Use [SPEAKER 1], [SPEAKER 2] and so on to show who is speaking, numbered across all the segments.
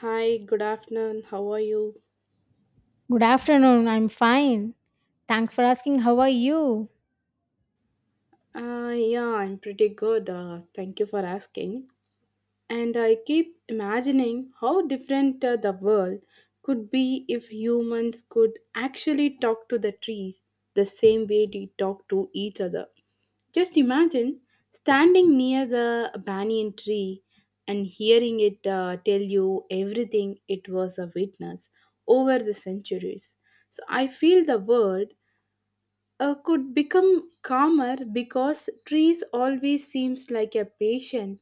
[SPEAKER 1] Hi, good afternoon. How are you?
[SPEAKER 2] Good afternoon. I'm fine. Thanks for asking. How are you?
[SPEAKER 1] Yeah, I'm pretty good. Thank you for asking. And I keep imagining how different the world could be if humans could actually talk to the trees the same way they talk to each other. Just imagine standing near the banyan tree and hearing it tell you everything it was a witness over the centuries. So I feel the world could become calmer because trees always seems like a patient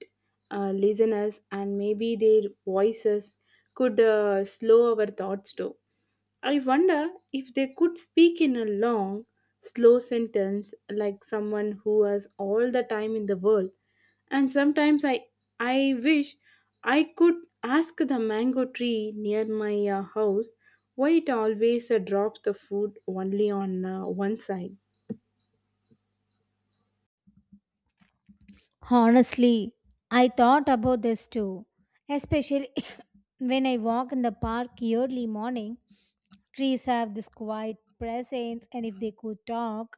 [SPEAKER 1] listeners, and maybe their voices could slow our thoughts too. I wonder if they could speak in a long, slow sentence like someone who has all the time in the world. And sometimes I wish I could ask the mango tree near my house why it always drops the food only on one side.
[SPEAKER 2] Honestly, I thought about this too, especially when I walk in the park early morning. Trees have this quiet presence, and if they could talk,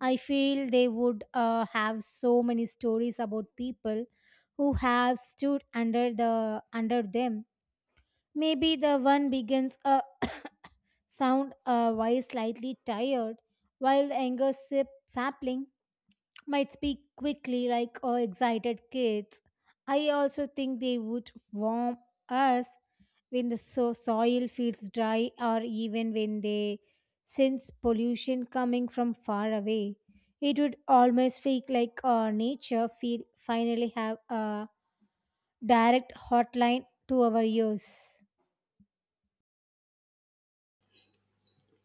[SPEAKER 2] I feel they would have so many stories about people who have stood under them. Maybe the one begins a sound why slightly tired, while the anger sip sapling might speak quickly like excited kids. I also think they would warm us when the soil feels dry or even when they sense pollution coming from far away. It would almost feel like nature feel finally have a direct hotline to our ears.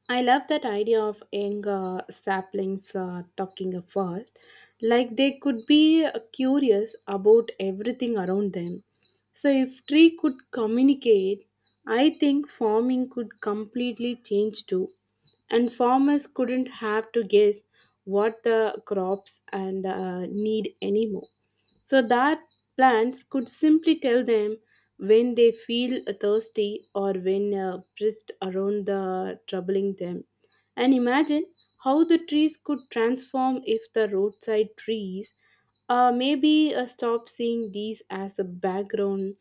[SPEAKER 1] I love that idea of young saplings talking at first, like they could be curious about everything around them. So, if tree could communicate, I think farming could completely change too, and farmers couldn't have to guess what the crops and need anymore, so that plants could simply tell them when they feel thirsty or when pressed around the troubling them. And imagine how the trees could transform if the roadside trees maybe stop seeing these as a background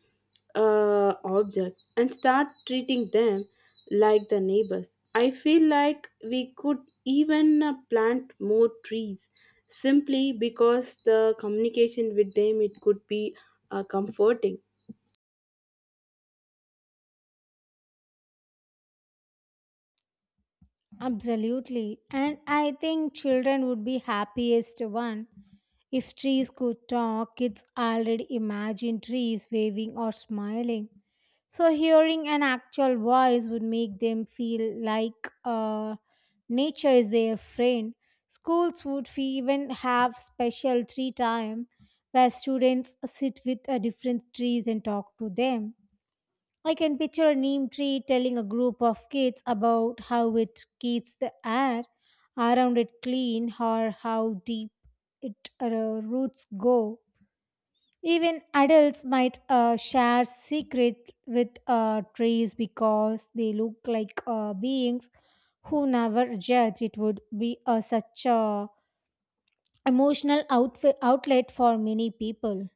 [SPEAKER 1] object and start treating them like the neighbors. I feel like we could even plant more trees simply because the communication with them it could be comforting.
[SPEAKER 2] Absolutely. And I think children would be happiest one. If trees could talk, kids already imagine trees waving or smiling. So hearing an actual voice would make them feel like nature is their friend. Schools would even have special tree time where students sit with different trees and talk to them. I can picture a neem tree telling a group of kids about how it keeps the air around it clean or how deep its roots go. Even adults might share secrets with trees because they look like beings who never judge. It would be such a outlet for many people.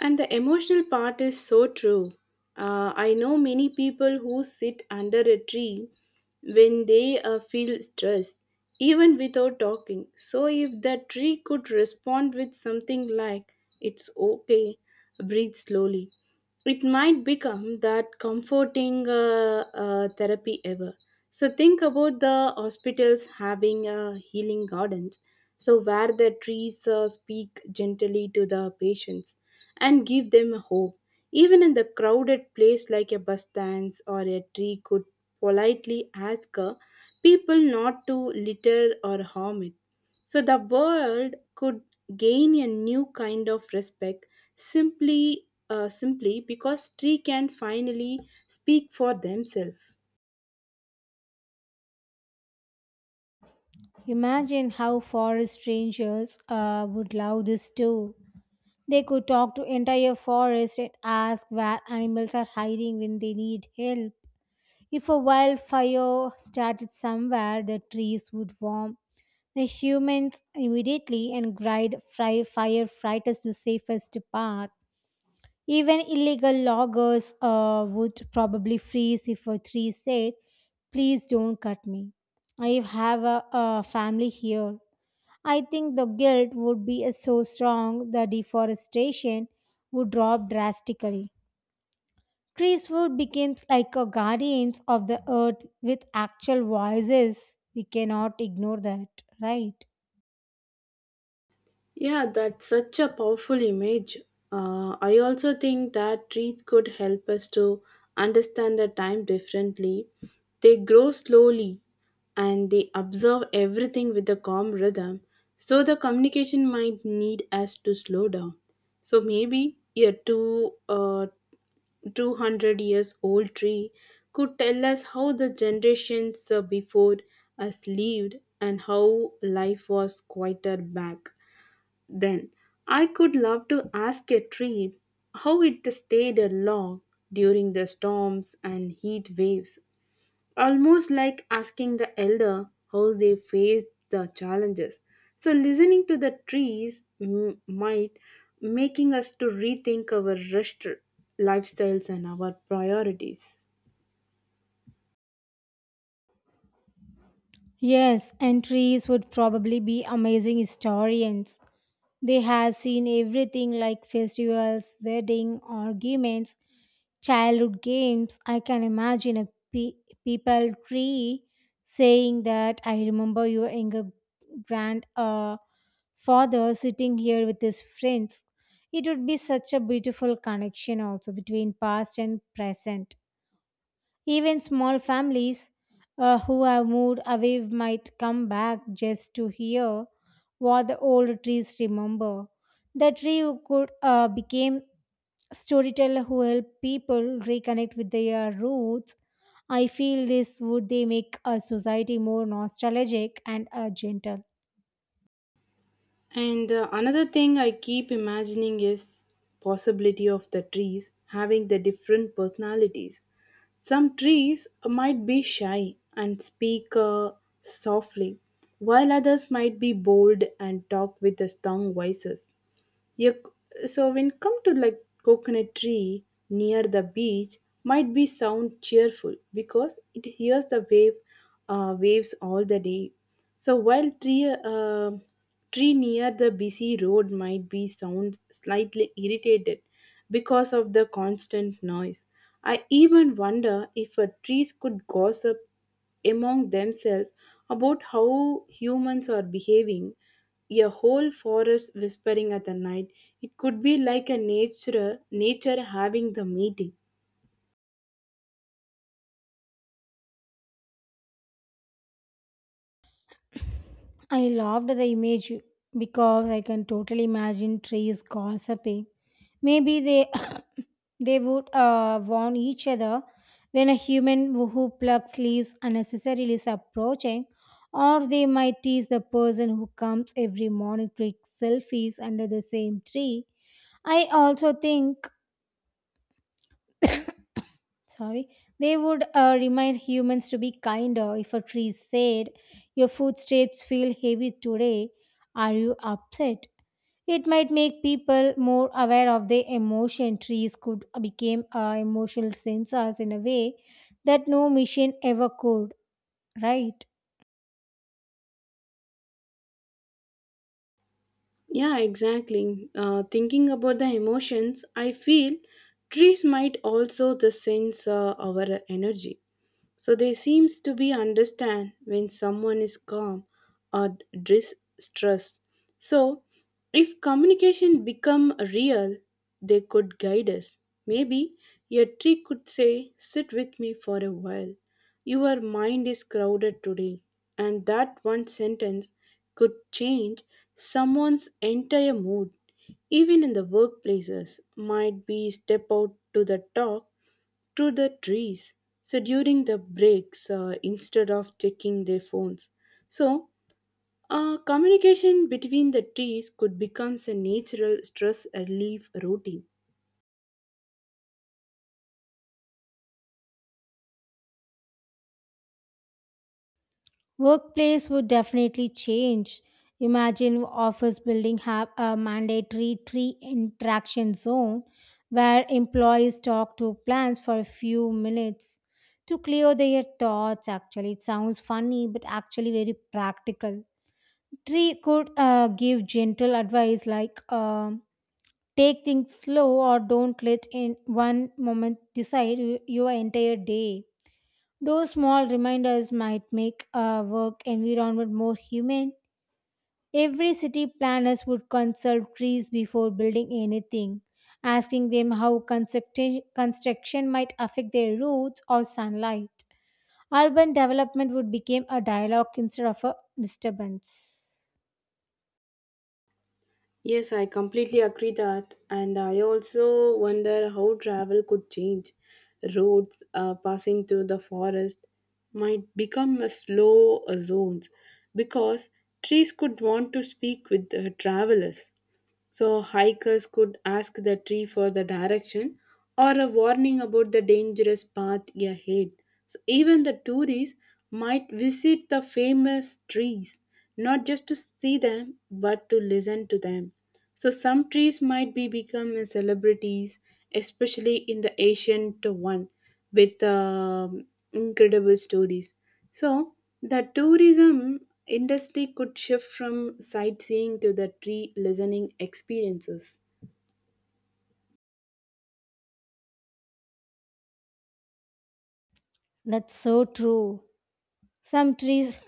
[SPEAKER 1] And the emotional part is so true. I know many people who sit under a tree when they feel stressed, even without talking. So, if the tree could respond with something like, "It's okay, breathe slowly," it might become that comforting therapy ever. So think about the hospitals having healing gardens, so where the trees speak gently to the patients and give them hope. Even in the crowded place like a bus stands or a tree could politely ask people not to litter or harm it. So the world could gain a new kind of respect simply simply because tree can finally speak for themselves.
[SPEAKER 2] Imagine how forest rangers would love this too. They could talk to entire forests and ask where animals are hiding when they need help. If a wildfire started somewhere, the trees would warm the humans immediately and guide fry firefighters to safest path. Even illegal loggers would probably freeze if a tree said, "Please don't cut me. I have a family here." I think the guilt would be so strong the deforestation would drop drastically. Trees would become like a guardians of the earth with actual voices. We cannot ignore that, right?
[SPEAKER 1] Yeah, that's such a powerful image. I also think that trees could help us to understand the time differently. They grow slowly and they observe everything with a calm rhythm, so the communication might need us to slow down. So maybe a 200 years old tree could tell us how the generations before us lived and how life was quieter back then. I could love to ask a tree how it stayed along during the storms and heat waves, almost like asking the elder how they faced the challenges. So listening to the trees might making us to rethink our rest lifestyles and our priorities.
[SPEAKER 2] Yes, and trees would probably be amazing historians. They have seen everything like festivals, wedding, arguments, childhood games. I can imagine a people tree saying that I remember your younger grandfather father sitting here with his friends. It would be such a beautiful connection also between past and present. Even small families who have moved away might come back just to hear what the old trees remember. The tree could became storyteller who help people reconnect with their roots. I feel this would they make a society more nostalgic and gentle.
[SPEAKER 1] And another thing I keep imagining is possibility of the trees having the different personalities. Some trees might be shy and speak softly, while others might be bold and talk with the strong voices. Yeah, so when come to like coconut tree near the beach might be sound cheerful because it hears the waves all the day. So while tree near the busy road might be sound slightly irritated because of the constant noise. I even wonder if trees could gossip among themselves about how humans are behaving, a whole forest whispering at the night. It could be like a nature having the meeting.
[SPEAKER 2] I loved the image because I can totally imagine trees gossiping. Maybe they they would warn each other when a human who plucks leaves unnecessarily is approaching, or they might tease the person who comes every morning to take selfies under the same tree. I also think, sorry, they would remind humans to be kinder if a tree said your footsteps feel heavy today, are you upset? It might make people more aware of their emotion. Trees could become emotional sensors in a way that no machine ever could, right?
[SPEAKER 1] Yeah, exactly. Thinking about the emotions, I feel trees might also the sense our energy. So they seems to be understand when someone is calm or distressed. So if communication become real, they could guide us. Maybe a tree could say, "Sit with me for a while. Your mind is crowded today." And that one sentence could change someone's entire mood. Even in the workplaces, might be step out to the talk to the trees so during the breaks instead of checking their phones, so communication between the trees could become a natural stress relief routine.
[SPEAKER 2] Workplace would definitely change. Imagine office building have a mandatory tree interaction zone where employees talk to plants for a few minutes to clear their thoughts. Actually, it sounds funny, but actually very practical. Tree could give gentle advice like take things slow or don't let in one moment decide your entire day. Those small reminders might make our work environment more humane. Every city planners would consult trees before building anything, asking them how construction might affect their roads or sunlight. Urban development would become a dialogue instead of a disturbance.
[SPEAKER 1] Yes, I completely agree that. And I also wonder how travel could change. Roads passing through the forest might become a slow zones because trees could want to speak with the travelers. So hikers could ask the tree for the direction or a warning about the dangerous path ahead. So even the tourists might visit the famous trees, not just to see them, but to listen to them. So some trees might be become a celebrities, especially in the ancient one, with incredible stories. So, the tourism industry could shift from sightseeing to the tree listening experiences.
[SPEAKER 2] That's so true. Some trees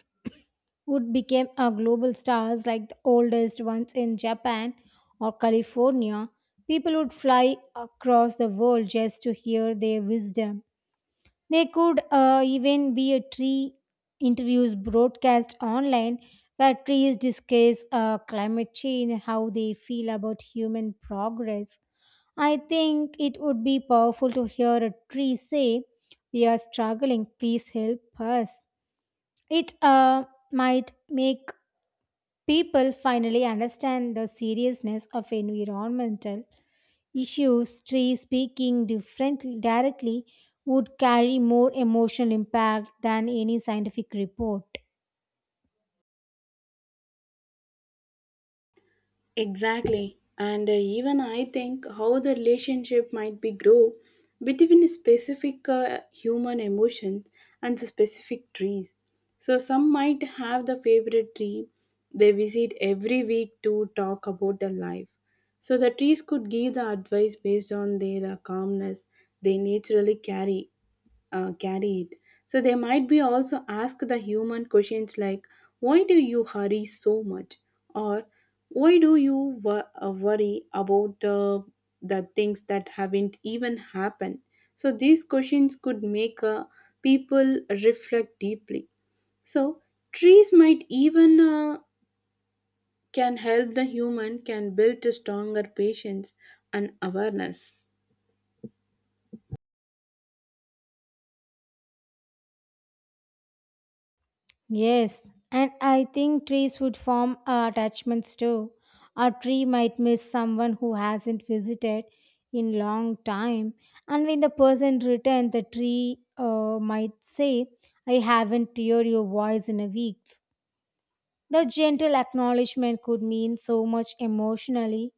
[SPEAKER 2] would become a global stars like the oldest ones in Japan or California. People would fly across the world just to hear their wisdom. They could even be a tree interviews broadcast online where trees discuss climate change and how they feel about human progress. I think it would be powerful to hear a tree say, we are struggling, please help us. It might make people finally understand the seriousness of environmental issues. Trees speaking differently directly would carry more emotional impact than any scientific report.
[SPEAKER 1] Exactly. And even I think how the relationship might be grow between specific human emotions and the specific trees. So some might have the favorite tree they visit every week to talk about their life. So the trees could give the advice based on their calmness they naturally carry it. So they might be also ask the human questions like, "Why do you hurry so much? Or why do you worry about the things that haven't even happened?" So these questions could make people reflect deeply. So trees might even can help the human can build a stronger patience and awareness.
[SPEAKER 2] Yes, and I think trees would form attachments too. A tree might miss someone who hasn't visited in long time, and when the person returns, the tree might say, "I haven't heard your voice in a week." The gentle acknowledgement could mean so much emotionally.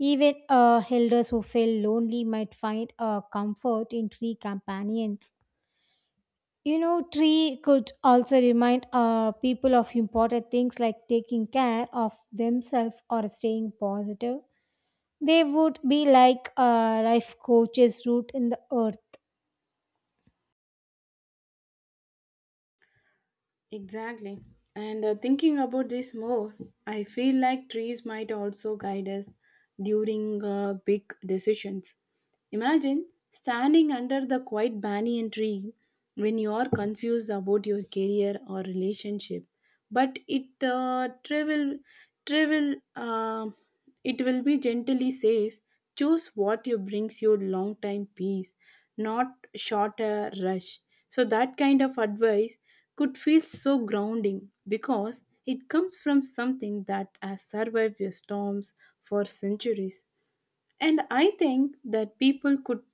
[SPEAKER 2] Even elders who feel lonely might find comfort in tree companions. You know, tree could also remind people of important things like taking care of themselves or staying positive. They would be like life coaches root in the earth.
[SPEAKER 1] Exactly. And thinking about this more, I feel like trees might also guide us during big decisions. Imagine standing under the quiet banyan tree when you are confused about your career or relationship, but it travel, uh, it will be gently says, "Choose what you brings you long time peace, not shorter rush." So that kind of advice could feel so grounding because it comes from something that has survived your storms for centuries. And I think that people could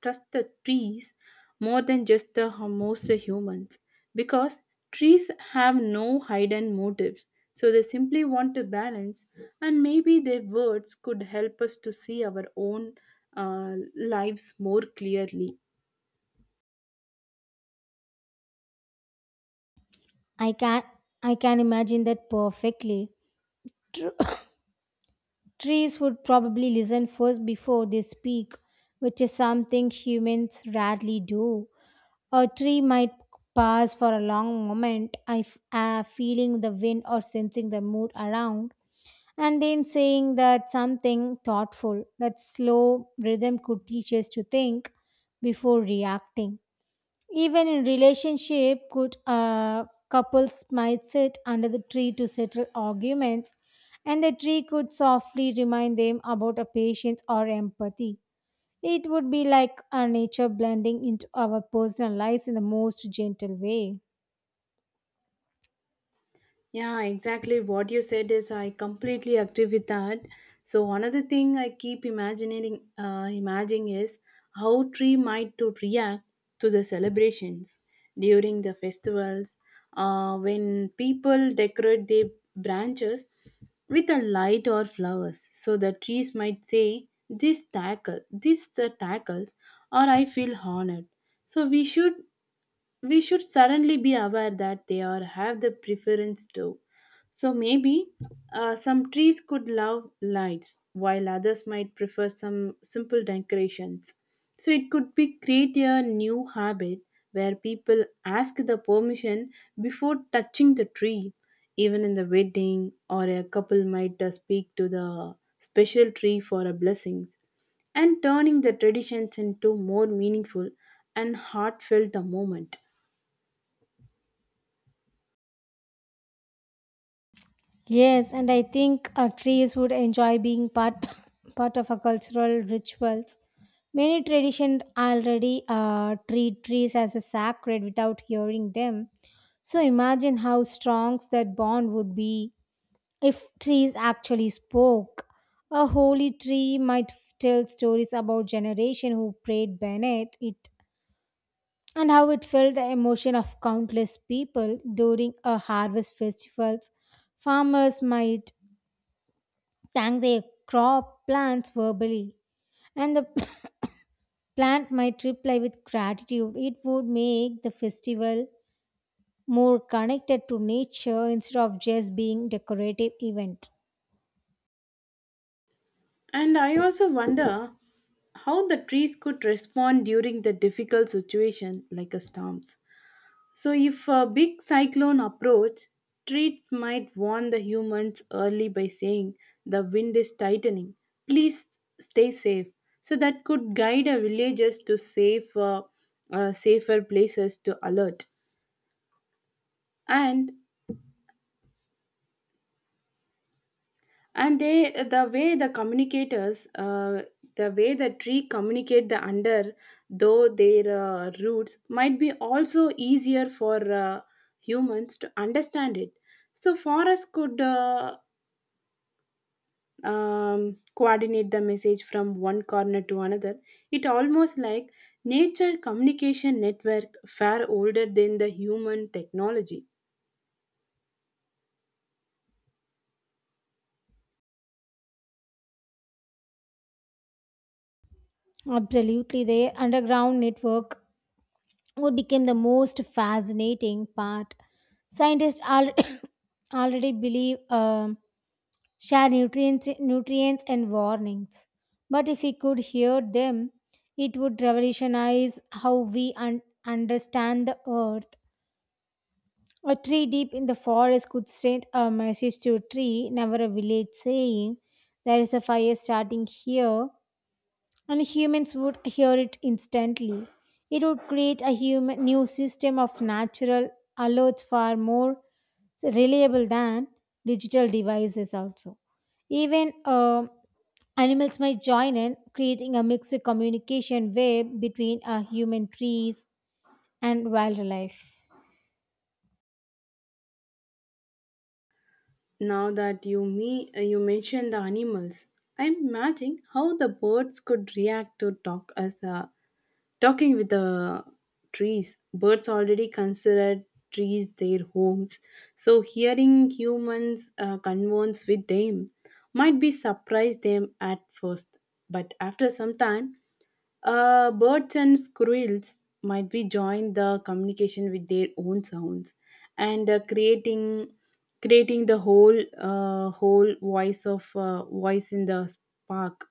[SPEAKER 1] trust the trees more than just the most humans because trees have no hidden motives. So they simply want to balance, and maybe their words could help us to see our own lives more clearly.
[SPEAKER 2] I can I can imagine that perfectly. Tr- Trees would probably listen first before they speak, which is something humans rarely do. A tree might pause for a long moment, feeling the wind or sensing the mood around, and then saying that something thoughtful. That slow rhythm could teach us to think before reacting. Even in relationship, good couples might sit under the tree to settle arguments, and the tree could softly remind them about a patience or empathy. It would be like a nature blending into our personal lives in the most gentle way.
[SPEAKER 1] Yeah, exactly what you said is I completely agree with that. So another thing I keep imagining is how tree might to react to the celebrations during the festivals when people decorate their branches with a light or flowers. So the trees might say, "This tackle, this the tackles," or "I feel honored." So we should suddenly be aware that they are have the preference too. So maybe some trees could love lights, while others might prefer some simple decorations. So it could be create a new habit where people ask the permission before touching the tree. Even in the wedding, or a couple might speak to the special tree for a blessing, and turning the traditions into more meaningful and heartfelt the moment.
[SPEAKER 2] Yes, and I think trees would enjoy being part part of a cultural rituals. Many traditions already treat trees as a sacred without hearing them. So imagine how strong that bond would be if trees actually spoke. A holy tree might tell stories about generation who prayed beneath it and how it felt the emotion of countless people during a harvest festivals. Farmers might thank their crop plants verbally, and the plant might reply with gratitude. It would make the festival more connected to nature instead of just being decorative event.
[SPEAKER 1] And I also wonder how the trees could respond during the difficult situation like a storms. So if a big cyclone approach, tree might warn the humans early by saying the wind is tightening. Please stay safe. So that could guide our villagers to safer places to alert. And and they the way the communicators the way the tree communicate the under though their roots might be also easier for humans to understand it, so forests could coordinate the message from one corner to another. It almost like nature communication network far older than the human technology.
[SPEAKER 2] Absolutely, the underground network would become the most fascinating part. Scientists already believe, share nutrients and warnings. But if we could hear them, it would revolutionize how we understand the earth. A tree deep in the forest could send a message to a tree, never a village, saying, there is a fire starting here, and humans would hear it instantly. It would create a human, new system of natural alerts far more reliable than digital devices also. Even animals might join in, creating a mixed communication web between human trees and wildlife.
[SPEAKER 1] Now that you me you mentioned the animals, I'm imagining how the birds could react to talking with the trees. Birds already consider trees their homes, so hearing humans converse with them might be surprise them at first. But after some time, birds and squirrels might be join the communication with their own sounds, and creating the whole whole voice of voice in the spark,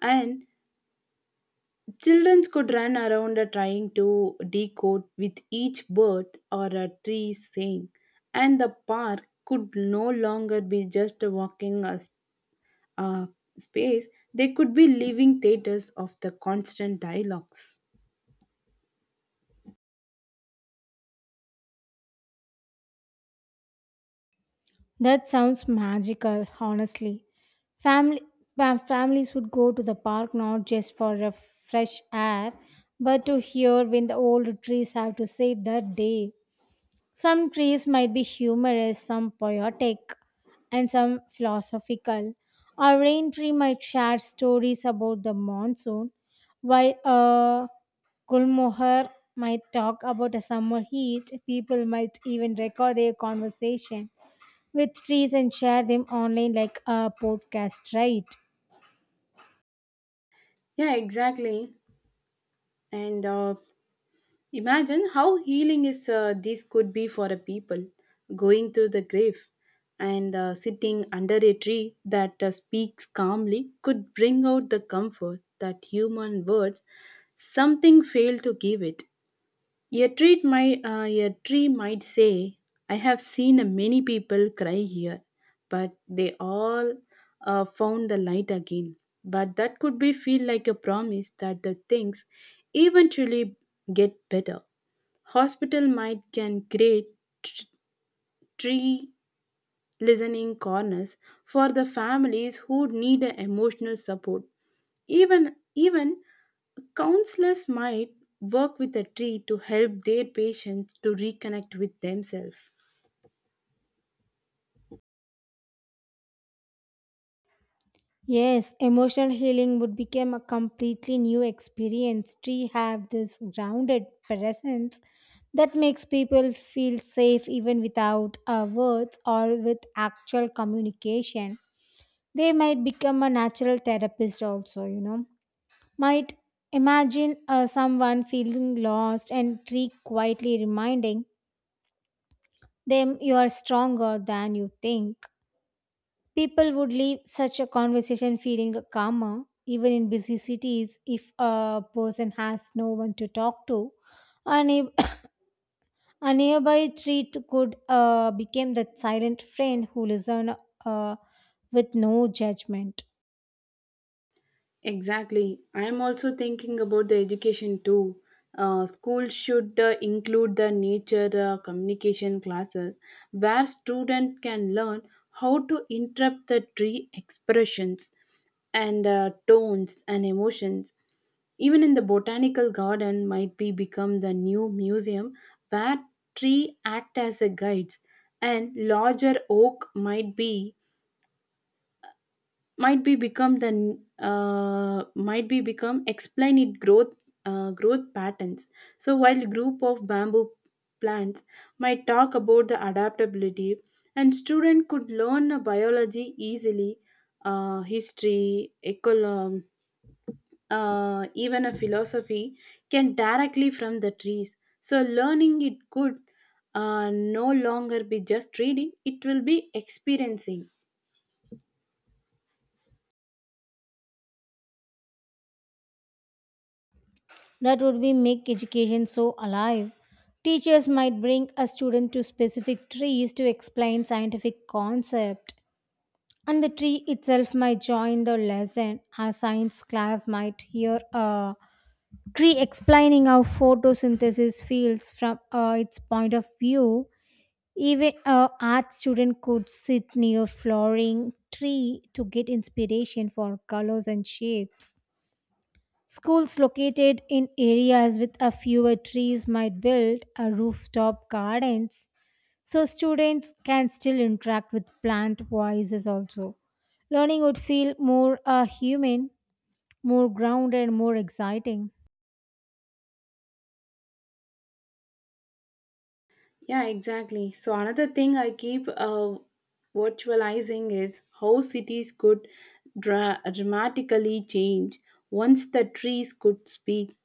[SPEAKER 1] and children could run around trying to decode with each bird or a tree saying, and the park could no longer be just a walking uh, space. They could be living theaters of the constant dialogues.
[SPEAKER 2] That sounds magical, honestly. Family, Families would go to the park not just for a fresh air, but to hear when the old trees have to say that day. Some trees might be humorous, some poetic, and some philosophical. A rain tree might share stories about the monsoon, while a gulmohar might talk about a summer heat. People might even record their conversation with trees and share them online like a podcast, right?
[SPEAKER 1] Yeah, exactly. And imagine how healing is this could be for a people going through the grave, and sitting under a tree that speaks calmly could bring out the comfort that human words something failed to give it. A tree might say, "I have seen many people cry here, but they all found the light again." But that could be feel like a promise that the things eventually get better. Hospital might can create tr- tree listening corners for the families who need a emotional support. Even counselors might work with a tree to help their patients to reconnect with themselves.
[SPEAKER 2] Yes, emotional healing would become a completely new experience. Tree have this grounded presence that makes people feel safe even without words or with actual communication. They might become a natural therapist also, you know. Might imagine someone feeling lost and tree quietly reminding them you are stronger than you think. People would leave such a conversation feeling calmer, even in busy cities, if a person has no one to talk to. A, neigh- A nearby tree could become that silent friend who listens uh, with no judgment.
[SPEAKER 1] Exactly. I am also thinking about the education too. Schools should include the nature communication classes where students can learn how to interpret the tree expressions and tones and emotions. Even in the botanical garden might be become the new museum where tree act as a guides, and larger oak might be become explain it growth patterns. So while group of bamboo plants might talk about the adaptability, and student could learn a biology easily, history, ecology, even a philosophy can directly from the trees, so learning it could no longer be just reading, it will be experiencing.
[SPEAKER 2] That would be make education so alive. Teachers might bring a student to specific trees to explain scientific concept, and the tree itself might join the lesson. A science class might hear a tree explaining how photosynthesis feels from its point of view. Even a art student could sit near flowering tree to get inspiration for colors and shapes. Schools located in areas with a fewer trees might build a rooftop gardens so students can still interact with plant voices also. Learning would feel more human, more grounded, and more exciting.
[SPEAKER 1] Yeah, exactly. So another thing I keep virtualizing is how cities could dramatically change once the trees could speak.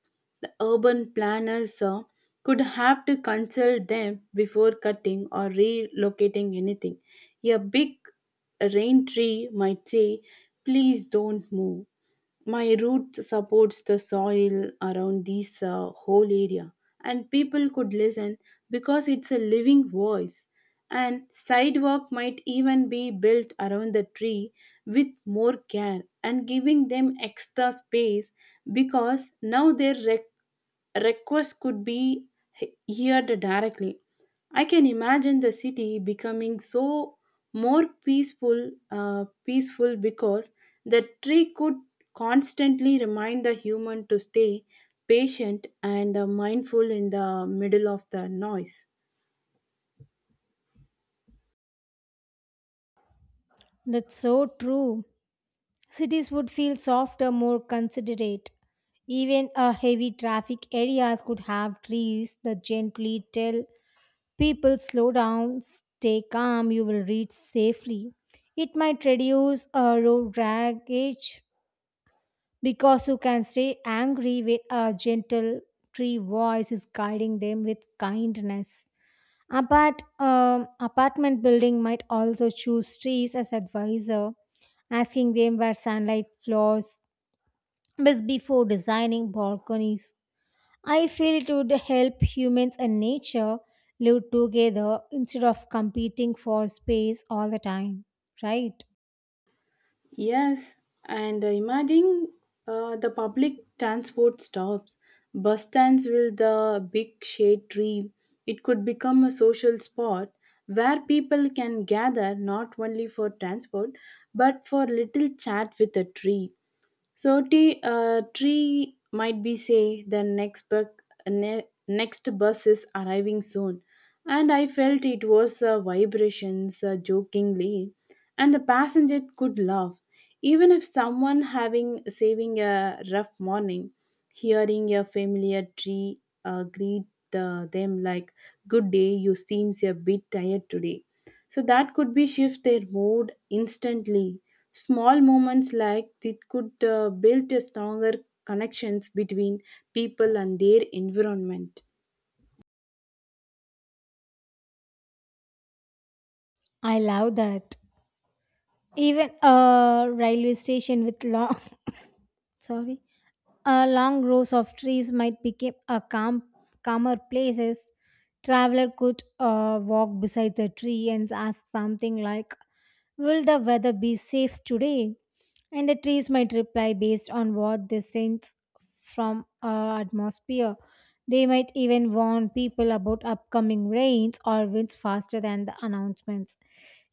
[SPEAKER 1] The urban planners could have to consult them before cutting or relocating anything. A big rain tree might say, "Please don't move, my root supports the soil around this whole area," and people could listen because it's a living voice. And sidewalk might even be built around the tree with more care and giving them extra space because now their request could be heard directly. I can imagine the city becoming so peaceful because the tree could constantly remind the human to stay patient and mindful in the middle of the noise.
[SPEAKER 2] That's so true. Cities would feel softer, more considerate. Even a heavy traffic areas could have trees that gently tell people slow down, stay calm, you will reach safely. It might reduce road rage because you can stay angry with a gentle tree voice is guiding them with kindness. Apartment building might also choose trees as advisor asking them where sunlight flows but before designing balconies, I feel it would help humans and nature live together instead of competing for space all the time, right?
[SPEAKER 1] Yes, and imagine the public transport stops, bus stands with the big shade tree. It could become a social spot where people can gather not only for transport but for little chat with a tree. So tree might be say the next next bus is arriving soon, and I felt it was vibrations jokingly, and the passenger could laugh. Even if someone having saving a rough morning, hearing a familiar tree greet them like, "Good day, you seems a bit tired today," so that could be shift their mood instantly. Small moments like this could build a stronger connections between people and their environment.
[SPEAKER 2] I love that. Even a railway station with long sorry, long rows of trees might become a calmer places. Traveler could walk beside the tree and ask something like, "Will the weather be safe today?" And the trees might reply based on what they sense from atmosphere. They might even warn people about upcoming rains or winds faster than the announcements.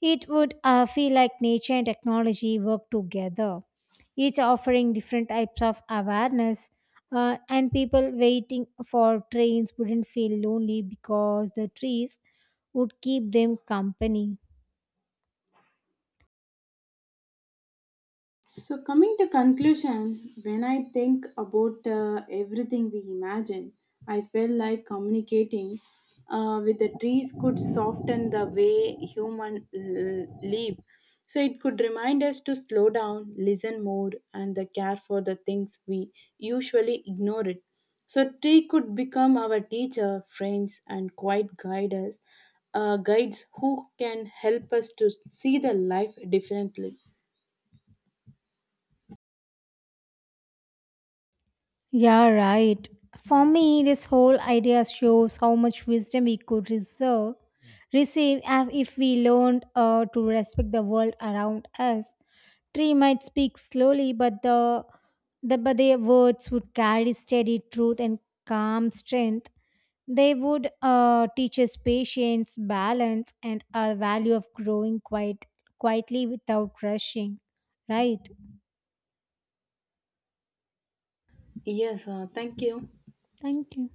[SPEAKER 2] It would feel like nature and technology work together, each offering different types of awareness. And people waiting for trains wouldn't feel lonely because the trees would keep them company.
[SPEAKER 1] So, coming to conclusion, when I think about everything we imagine, I feel like communicating with the trees could soften the way human live. So, it could remind us to slow down, listen more, and the care for the things we usually ignore it. So, tree could become our teacher, friends, and guides who can help us to see the life differently.
[SPEAKER 2] Yeah, right. For me, this whole idea shows how much wisdom we could receive if we learned to respect the world around us. Tree might speak slowly, but their words would carry steady truth and calm strength. They would teach us patience, balance, and a value of growing quite quietly without rushing. Right?
[SPEAKER 1] Yes, thank you.
[SPEAKER 2] Thank you.